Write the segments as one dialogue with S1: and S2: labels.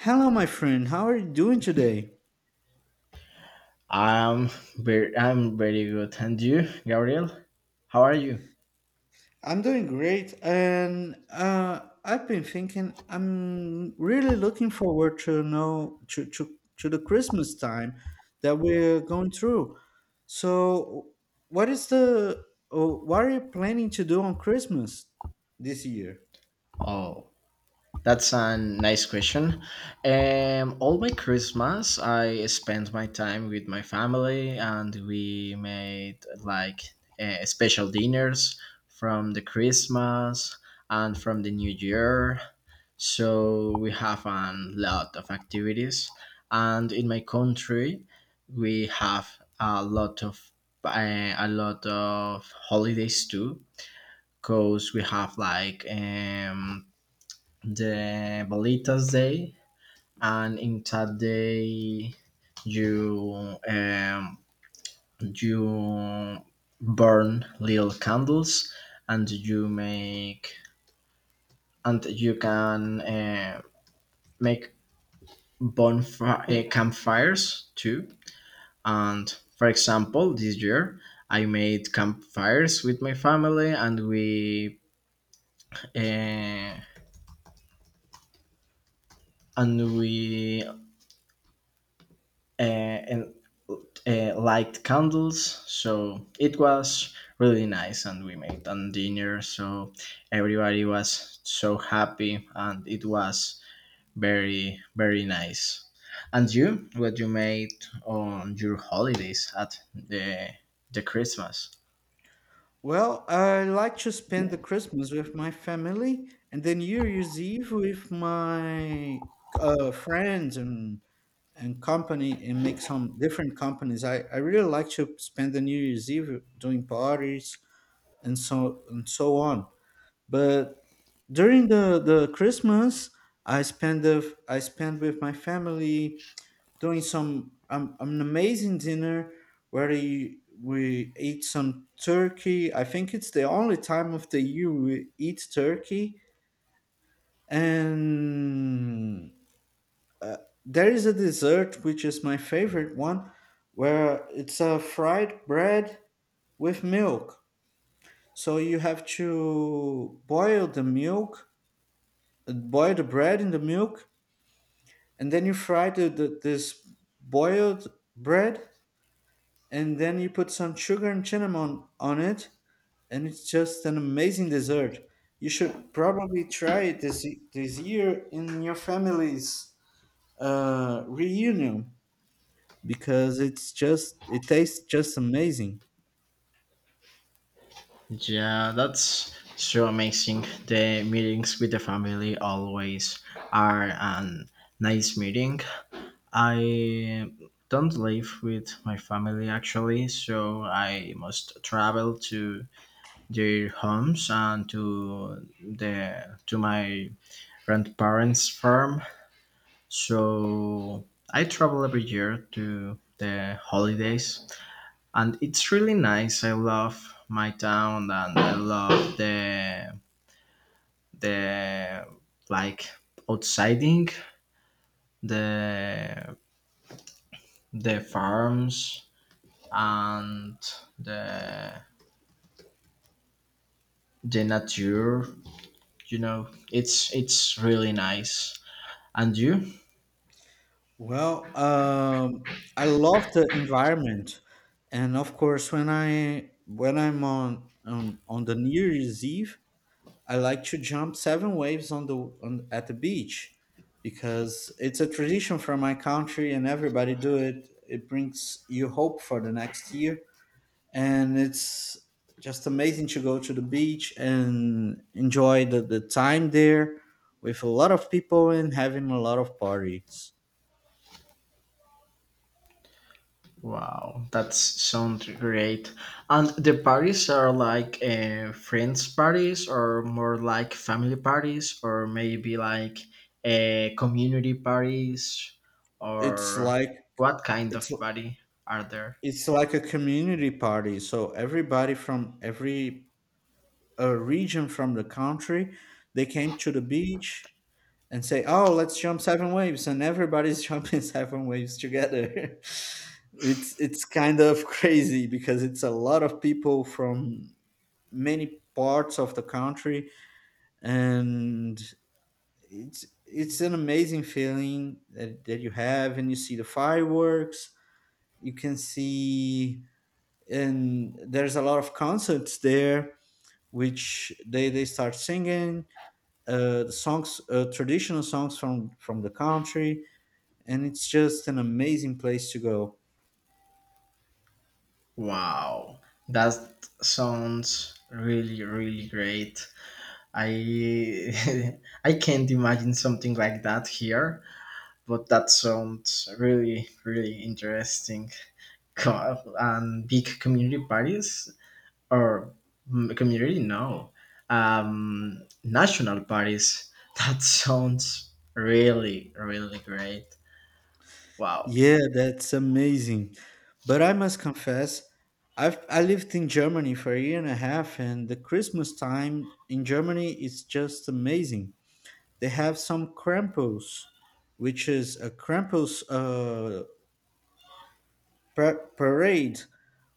S1: Hello, my friend. How are you doing today?
S2: I'm I'm very good. And you, Gabriel? How are you?
S1: I'm doing great, and I've been thinking. I'm really looking forward to know to the Christmas time that we're going through. So, what is the oh, what are you planning to do on Christmas this year?
S2: Oh, that's a nice question. All my Christmas, I spent my time with my family, and we made like special dinners from the Christmas and from the New Year. So we have a lot of activities, and in my country, we have a lot of a lot of holidays too, because we have like the Bolitas Day, and in that day you um, you burn little candles, and you can make bonfire campfires too. And for example, this year I made campfires with my family, and we uh, and we and light candles. So it was really nice, and we made a dinner. So everybody was so happy, and it was very very nice. And you, what you made on your holidays at the Christmas?
S1: Well, I like to spend the Christmas with my family, and then New Year's Eve with my friends and company and make some different companies. I really like to spend the New Year's Eve doing parties and so on. But during the Christmas, I spend with my family doing some an amazing dinner where we eat some turkey. I think it's the only time of the year we eat turkey and uh, there is a dessert which is my favorite one, where it's a fried bread with milk. So you have to boil the milk, boil the bread in the milk, and then you fry the this boiled bread, and then you put some sugar and cinnamon on it, and it's just an amazing dessert. You should probably try it this year in your family's reunion, because it tastes just amazing.
S2: Yeah, that's so amazing. The meetings with the family always are a nice meeting. I don't live with my family actually, so I must travel to their homes and to the to my grandparents' farm. So I travel every year to the holidays, and it's really nice. I love my town and I love the like outsiding the the farms and the the nature, you know, it's really nice. And you?
S1: Well, I love the environment, and of course, when I when I'm on the New Year's Eve, I like to jump seven waves at the beach, because it's a tradition from my country, and everybody do it. It brings you hope for the next year, and it's just amazing to go to the beach and enjoy the time there with a lot of people and having a lot of parties.
S2: Wow, that sounds great. And the parties are like friends parties, or more like family parties, or maybe like community parties, or
S1: it's like
S2: what kind
S1: it's
S2: of party are there?
S1: it's like a community party, so everybody from every region from the country, they came to the beach and say, oh, let's jump seven waves, and everybody's jumping seven waves together. It's kind of crazy because it's a lot of people from many parts of the country, and it's an amazing feeling that you have, and you see the fireworks you can see, and there's a lot of concerts there, which they start singing the songs traditional songs from the country, and it's just an amazing place to go.
S2: Wow, that sounds really really great. I I can't imagine something like that here, but that sounds really really interesting. And big community parties, or community, no, national parties. That sounds really really great. Wow.
S1: Yeah, that's amazing. But I must confess, I lived in Germany for a year and a half, and the Christmas time in Germany is just amazing. They have some Krampus, which is a Krampus parade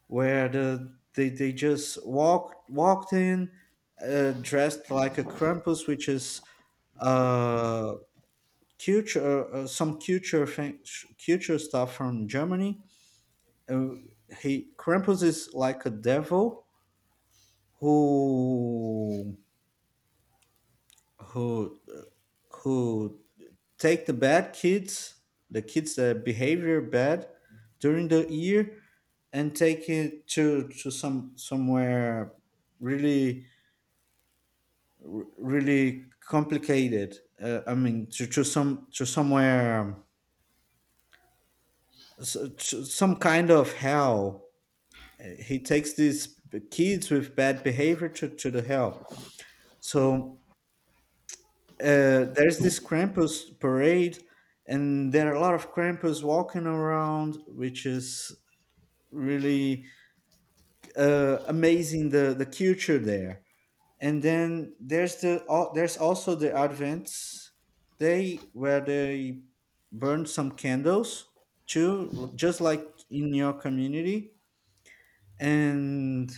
S1: where they just walked in, dressed like a Krampus, which is uh, culture some culture thing, culture stuff from Germany. Uh, he Krampus is like a devil who who who take the bad kids, the kids that behavior bad during the year, and take it to somewhere really really complicated. I mean, to some to somewhere s- to some kind of hell. He takes these kids with bad behavior to the hell. So there's this Krampus parade, and there are a lot of Krampus walking around, which is really amazing the culture there. And then there's also the Advent Day where they burn some candles too, just like in your community. And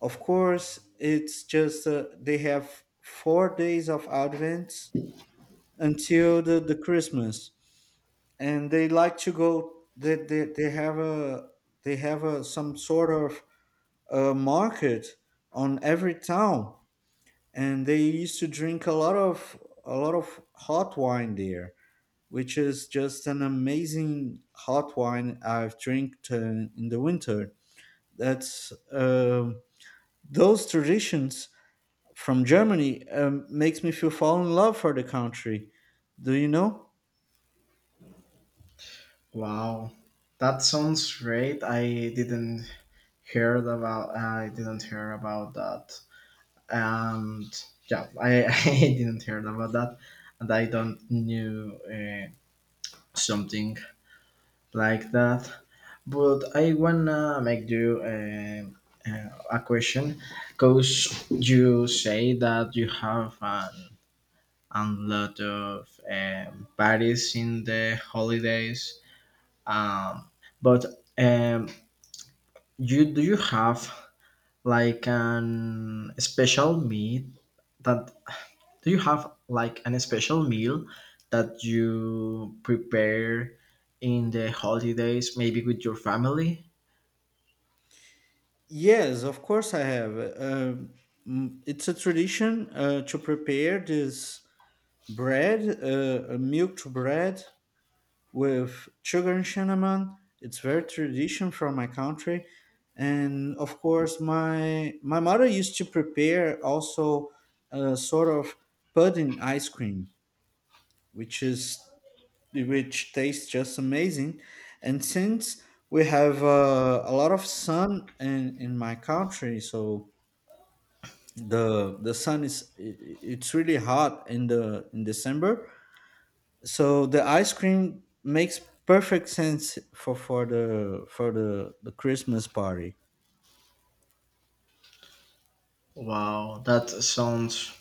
S1: of course, it's just they have 4 days of Advent until the Christmas. And they like to go they have a some sort of market on every town, and they used to drink a lot of hot wine there, which is just an amazing hot wine I've drank in the winter. That's those traditions from Germany, makes me feel fall in love for the country, do you know?
S2: Wow, that sounds great. I didn't hear about that. And yeah, I, I didn't heard about that, and I don't knew something like that. But I wanna make you a question, cause you say that you have an a lot of parties in the holidays. Um, but um, you like an special meat that Do you have like an special meal that you prepare in the holidays, maybe with your family?
S1: Yes, of course I have. It's a tradition to prepare this bread, a milked bread with sugar and cinnamon. It's very tradition from my country, and of course my mother used to prepare also a sort of pudding ice cream, which is which tastes just amazing. And since we have a lot of sun in my country, so the sun it's really hot in the in December, so the ice cream makes perfect sense for the Christmas party.
S2: Wow, that sounds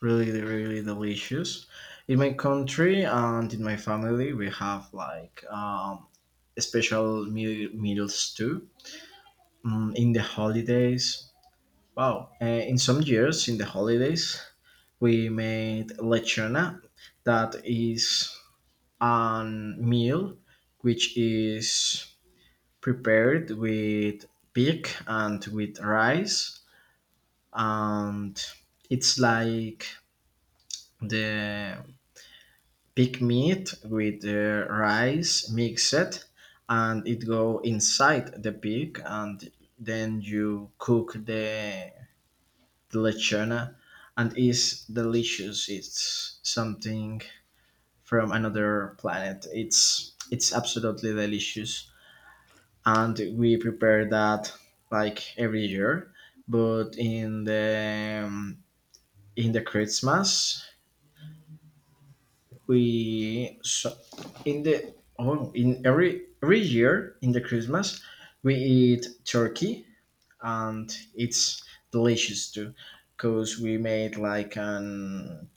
S2: really, really delicious. In my country and in my family, we have like special meals too. In the holidays, wow, in some years, in the holidays, we made lechona. That is a meal which is prepared with pig and with rice, and it's like the pig meat with the rice mixed, and it go inside the pig, and then you cook the lechona. And is delicious, it's something from another planet, it's absolutely delicious, and we prepare that like every year. But in the Christmas, we so in the oh in every year in the Christmas we eat turkey, and it's delicious too, because we made like an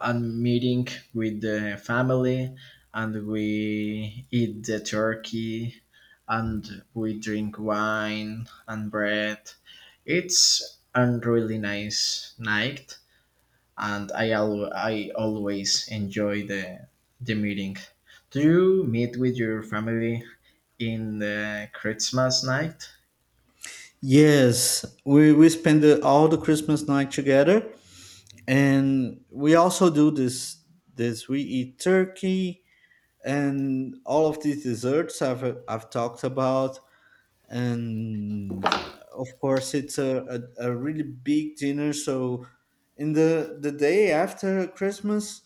S2: and meeting with the family, and we eat the turkey, and we drink wine and bread. It's a really nice night, and I always enjoy the meeting. Do you meet with your family in the Christmas night?
S1: Yes, we spend all the Christmas night together, and we also do this we eat turkey and all of these desserts I've talked about. And of course, it's a really big dinner, so in the day after Christmas,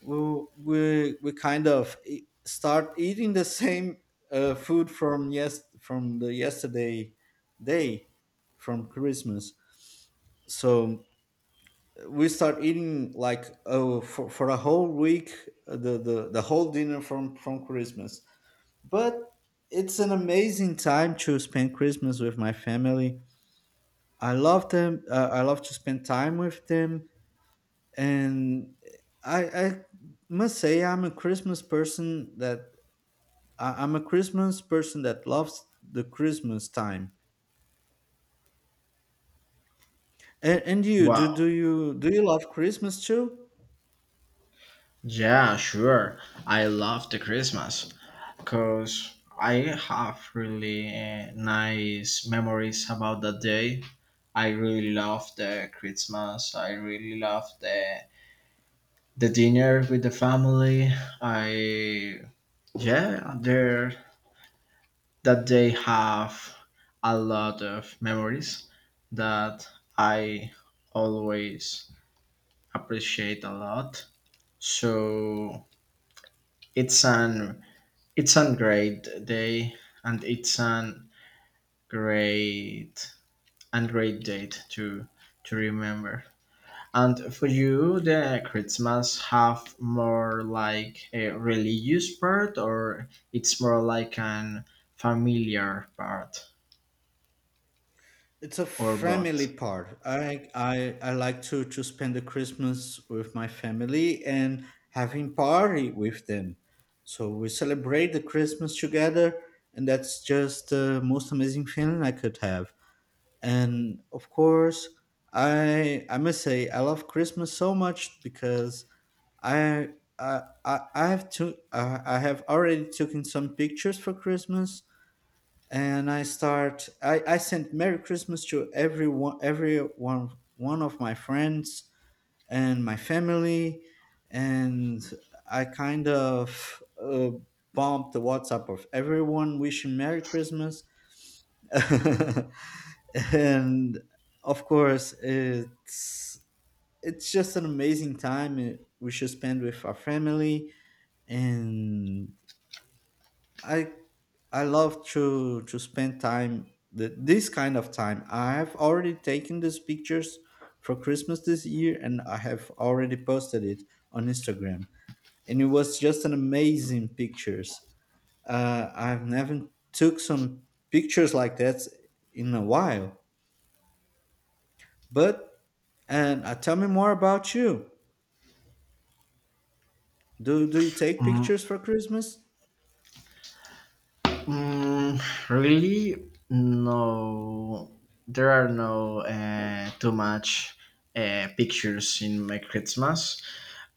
S1: we kind of start eating the same food from the yesterday day from Christmas. So we start eating like, oh, for a whole week, the whole dinner from Christmas. But it's an amazing time to spend Christmas with my family. I love them. I love to spend time with them, and I must say I'm a Christmas person that loves the Christmas time. And you
S2: Wow.
S1: do you love Christmas too?
S2: Yeah, sure, I love the Christmas, because I have really nice memories about that day. I really love the Christmas. I really love the dinner with the family. I, yeah, there, that day have a lot of memories that I always appreciate a lot. So it's an it's a great day, and it's an Great and great date to remember. And for you, the Christmas have more like a religious part, or it's more like an familiar part,
S1: It's a
S2: or
S1: family
S2: both?
S1: part. I like to spend the Christmas with my family and having party with them. So we celebrate the Christmas together, and that's just the most amazing feeling I could have. And of course, I must say I love Christmas so much because I I I I have to I have already taken some pictures for Christmas, and I sent Merry Christmas to everyone, every one of my friends and my family. And I kind of bombed the WhatsApp of everyone wishing Merry Christmas. And of course, it's just an amazing time, we should spend with our family. And I I love to spend time the this kind of time. I have already taken these pictures for Christmas this year, and I have already posted it on Instagram. And it was just an amazing pictures. I've never took some pictures like that in a while. But and tell me more about you. Do you take
S2: Mm,
S1: pictures for Christmas?
S2: mm, really, no. There are no too much pictures in my Christmas.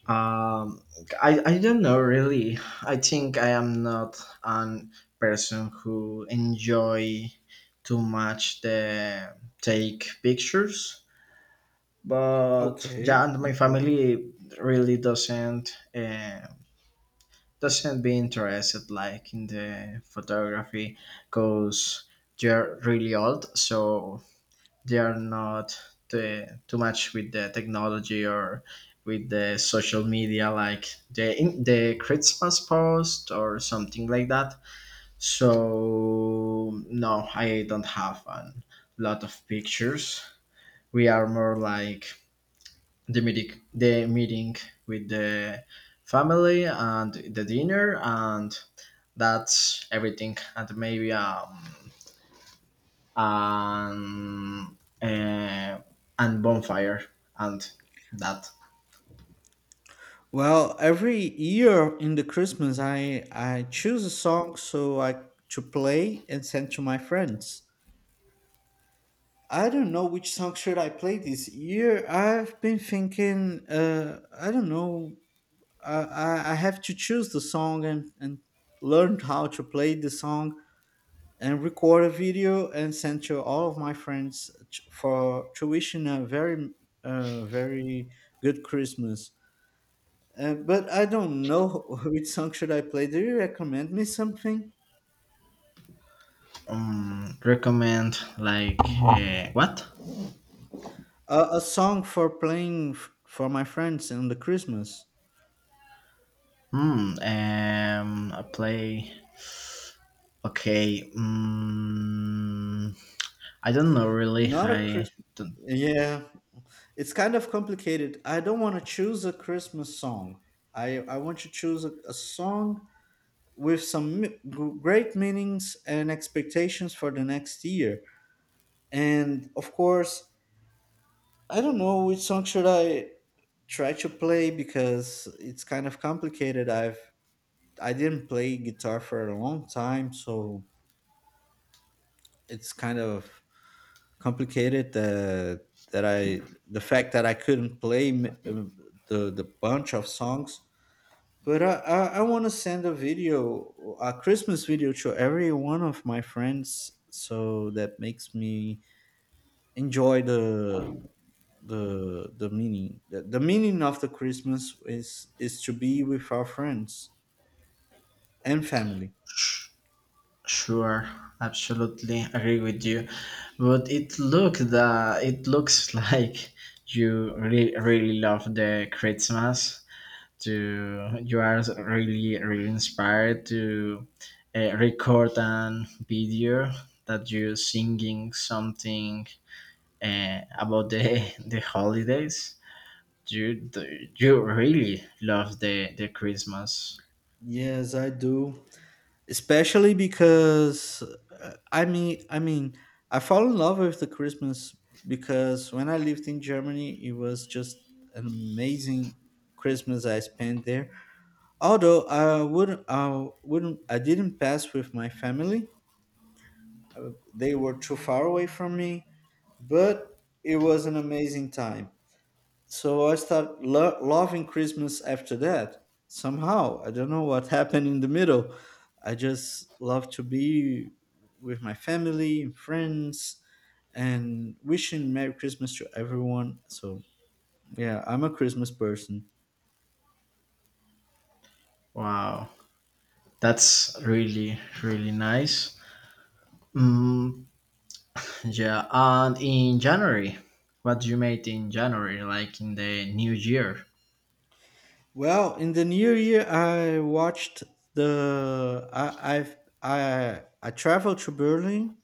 S2: Um, I don't know really. I think I am not an person who enjoy too much the take pictures, but yeah,
S1: Okay,
S2: and
S1: no
S2: my
S1: problem.
S2: family really doesn't be interested like in the photography, because they're really old, so they are not too much with the technology or with the social media like the Christmas post or something like that. So no, I don't have a lot of pictures. We are more like the meeting with the family and the dinner, and that's everything. And maybe and uh, and bonfire and that.
S1: Well, every year in the Christmas, I choose a song so I to play and send to my friends. I don't know which song should I play this year. I've been thinking. I don't know. I have to choose the song and learn how to play the song and record a video and send to all of my friends t- for to wishing a very good Christmas. But I don't know which song should I play. Do you recommend me something?
S2: Recommend like what?
S1: A song for playing for my friends on the Christmas.
S2: Hmm. A play, okay. I don't know really,
S1: Not a
S2: I
S1: Christmas.
S2: don't.
S1: Yeah, it's kind of complicated. I don't want to choose a Christmas song. I want to choose a song with some great meanings and expectations for the next year. And of course, I don't know which song should I try to play because it's kind of complicated. I didn't play guitar for a long time, so it's kind of complicated, that that I the fact that I couldn't play the the bunch of songs. But I want to send a video, a Christmas video, to every one of my friends, so that makes me enjoy the meaning of the Christmas is to be with our friends and family.
S2: Sure, absolutely agree with you, but it looks like you really really love the Christmas, to you are really really inspired to record an video that you're singing something about the the holidays. you you really love the Christmas.
S1: Yes, I do, especially because I mean, I fall in love with the Christmas, because when I lived in Germany, it was just an amazing Christmas I spent there. Although I didn't pass with my family. They were too far away from me. But it was an amazing time, so I start loving Christmas after that. Somehow, I don't know what happened in the middle. I just love to be with my family and friends and wishing Merry Christmas to everyone. So, yeah, I'm a Christmas person.
S2: Wow, that's really really nice. mm, yeah, and in January, what you made in January, like in the new year?
S1: Well, in the new year, the I I've, I traveled to Berlin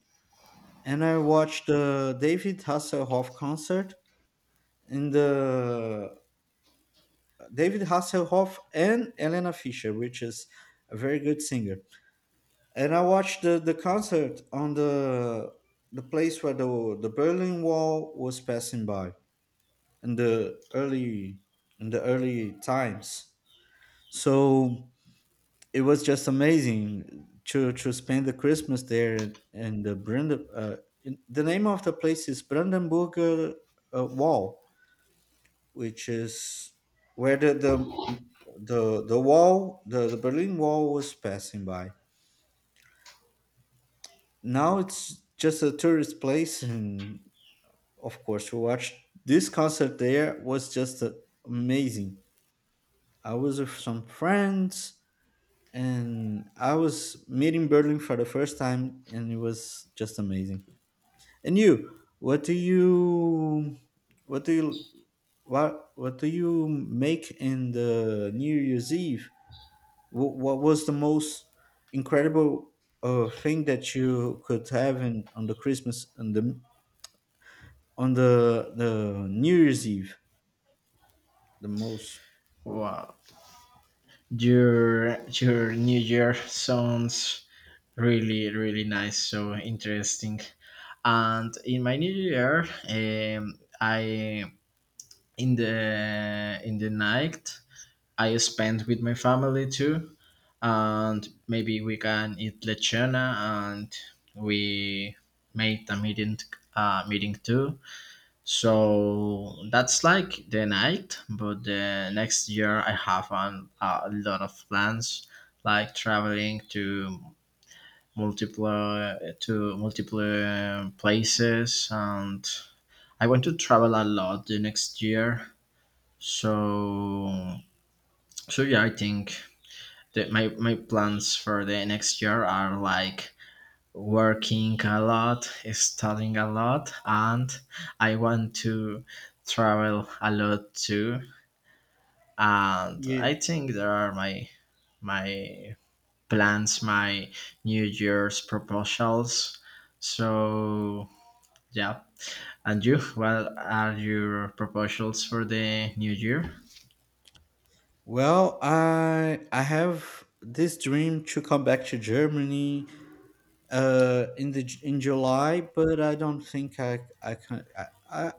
S1: and I watched the David Hasselhoff concert, in the David Hasselhoff and Elena Fischer, which is a very good singer. And I watched the concert on the place where the Berlin Wall was passing by, in the early times. So it was just amazing to spend the Christmas there. And the Branden. Uh, in, the name of the place is Brandenburger Wall, which is where the Berlin Wall was passing by. Now it's just a tourist place, and of course, we watched this concert there was just amazing. I was with some friends, and I was meeting Berlin for the first time, and it was just amazing. And you, what do you, what do you make in the New Year's Eve? What was the most incredible thing that you could have on the Christmas and the on the the New Year's Eve? The most
S2: Wow, your new year sounds really really nice, so interesting. And in my new year, um, I in the night, I spent with my family too, and maybe we can eat lechona, and we made a meeting too. So that's like the night, but the next year I have a lot of plans, like traveling to multiple places, and I want to travel a lot the next year. So, so yeah, I think that my plans for the next year are like working a lot, studying a lot, and I want to travel a lot too. And
S1: yeah.
S2: I think there are my my plans, my New Year's proposals. So yeah. And you, what are your proposals for the new year?
S1: Well, I have this dream to come back to Germany, in July, but I don't think I can I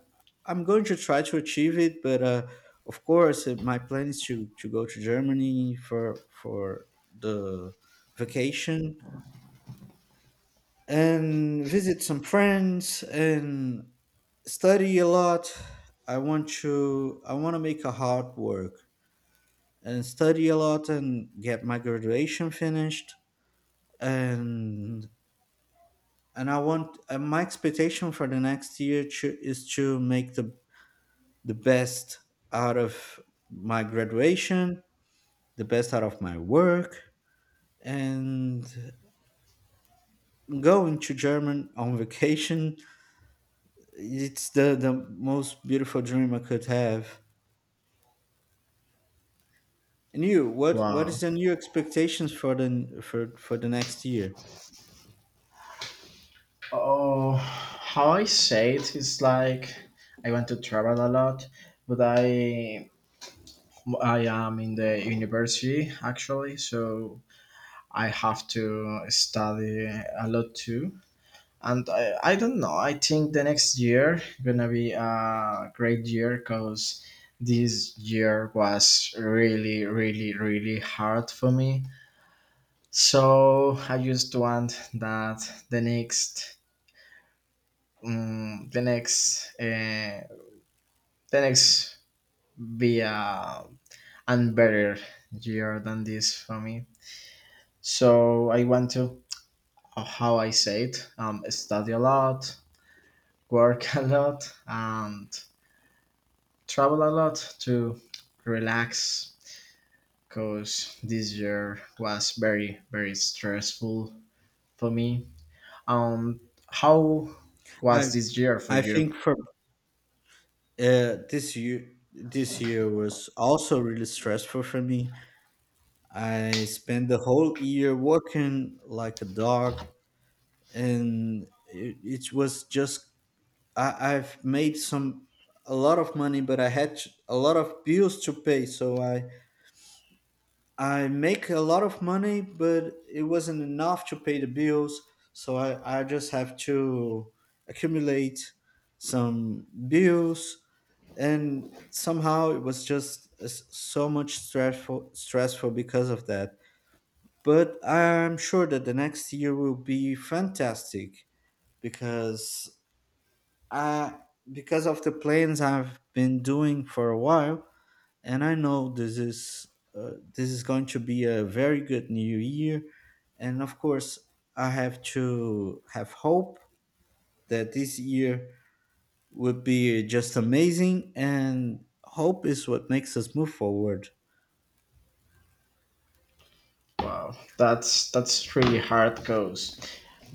S1: I'm going to try to achieve it, but of course, my plan is to go to Germany for the vacation and visit some friends and study a lot. I want to make a hard work and study a lot and get my graduation finished, and and I want and my expectation for the next year is to make the best out of my graduation, the best out of my work, and going to German on vacation. It's the most beautiful dream I could have. And you, what
S2: Wow.
S1: is the new expectations for the next year?
S2: Oh, how I say it is like I want to travel a lot, but I am in the university actually, so I have to study a lot too. And I don't know. I think the next year gonna be a great year, because this year was really, really, really hard for me. So I just want that the next, um, the next, uh, the next be a and better year than this for me. So I want to, how I say it, study a lot, work a lot, and travel a lot to relax, because this year was very, very stressful for me. Um, how
S1: I
S2: was this year for
S1: I
S2: you?
S1: think for uh, this year this year was also really stressful for me. I spent the whole year working like a dog, and it was just I've made some a lot of money, but I had a lot of bills to pay, so I make a lot of money, but it wasn't enough to pay the bills. So I just have to accumulate some bills. And somehow it was just so much stressful because of that. But I'm sure that the next year will be fantastic, because I, because of the plans I've been doing for a while, and I know this is going to be a very good new year, and of course I have to have hope that this year would be just amazing, and hope is what makes us move forward.
S2: Wow, that's really hard, because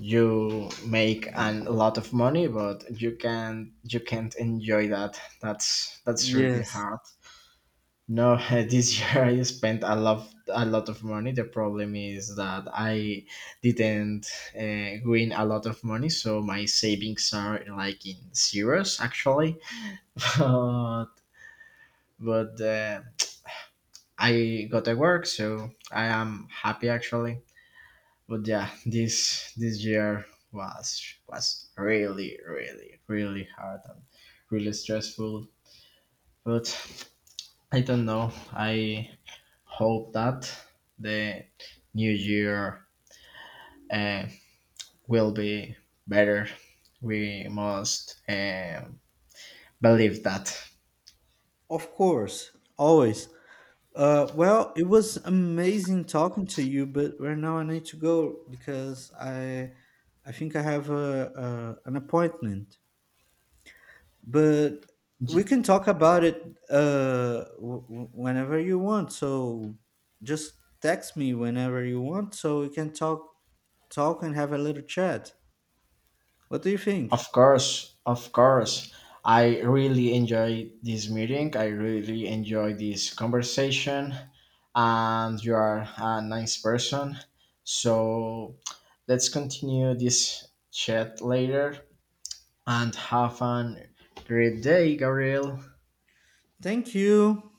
S2: you make a lot of money, but you can you can't enjoy that. That's really
S1: Yes,
S2: hard. No, this year I spent a lot of money. The problem is that I didn't win a lot of money, so my savings are like in zeros actually. But but I got a work, so I am happy actually. But yeah, this year was really really really hard and really stressful. But I don't know. I hope that the new year uh, will be better. We must believe that.
S1: of course, always. Well, it was amazing talking to you, but right now I need to go because I think I have a an appointment. But we
S2: J-
S1: can talk about it whenever you want, so just text me whenever you want, so we can talk and have a little chat. What do you think?
S2: Of course, of course. I really enjoy this meeting. I really enjoy this conversation, and you are a nice person. So let's continue this chat later, and have a great day, Gabriel.
S1: Thank you.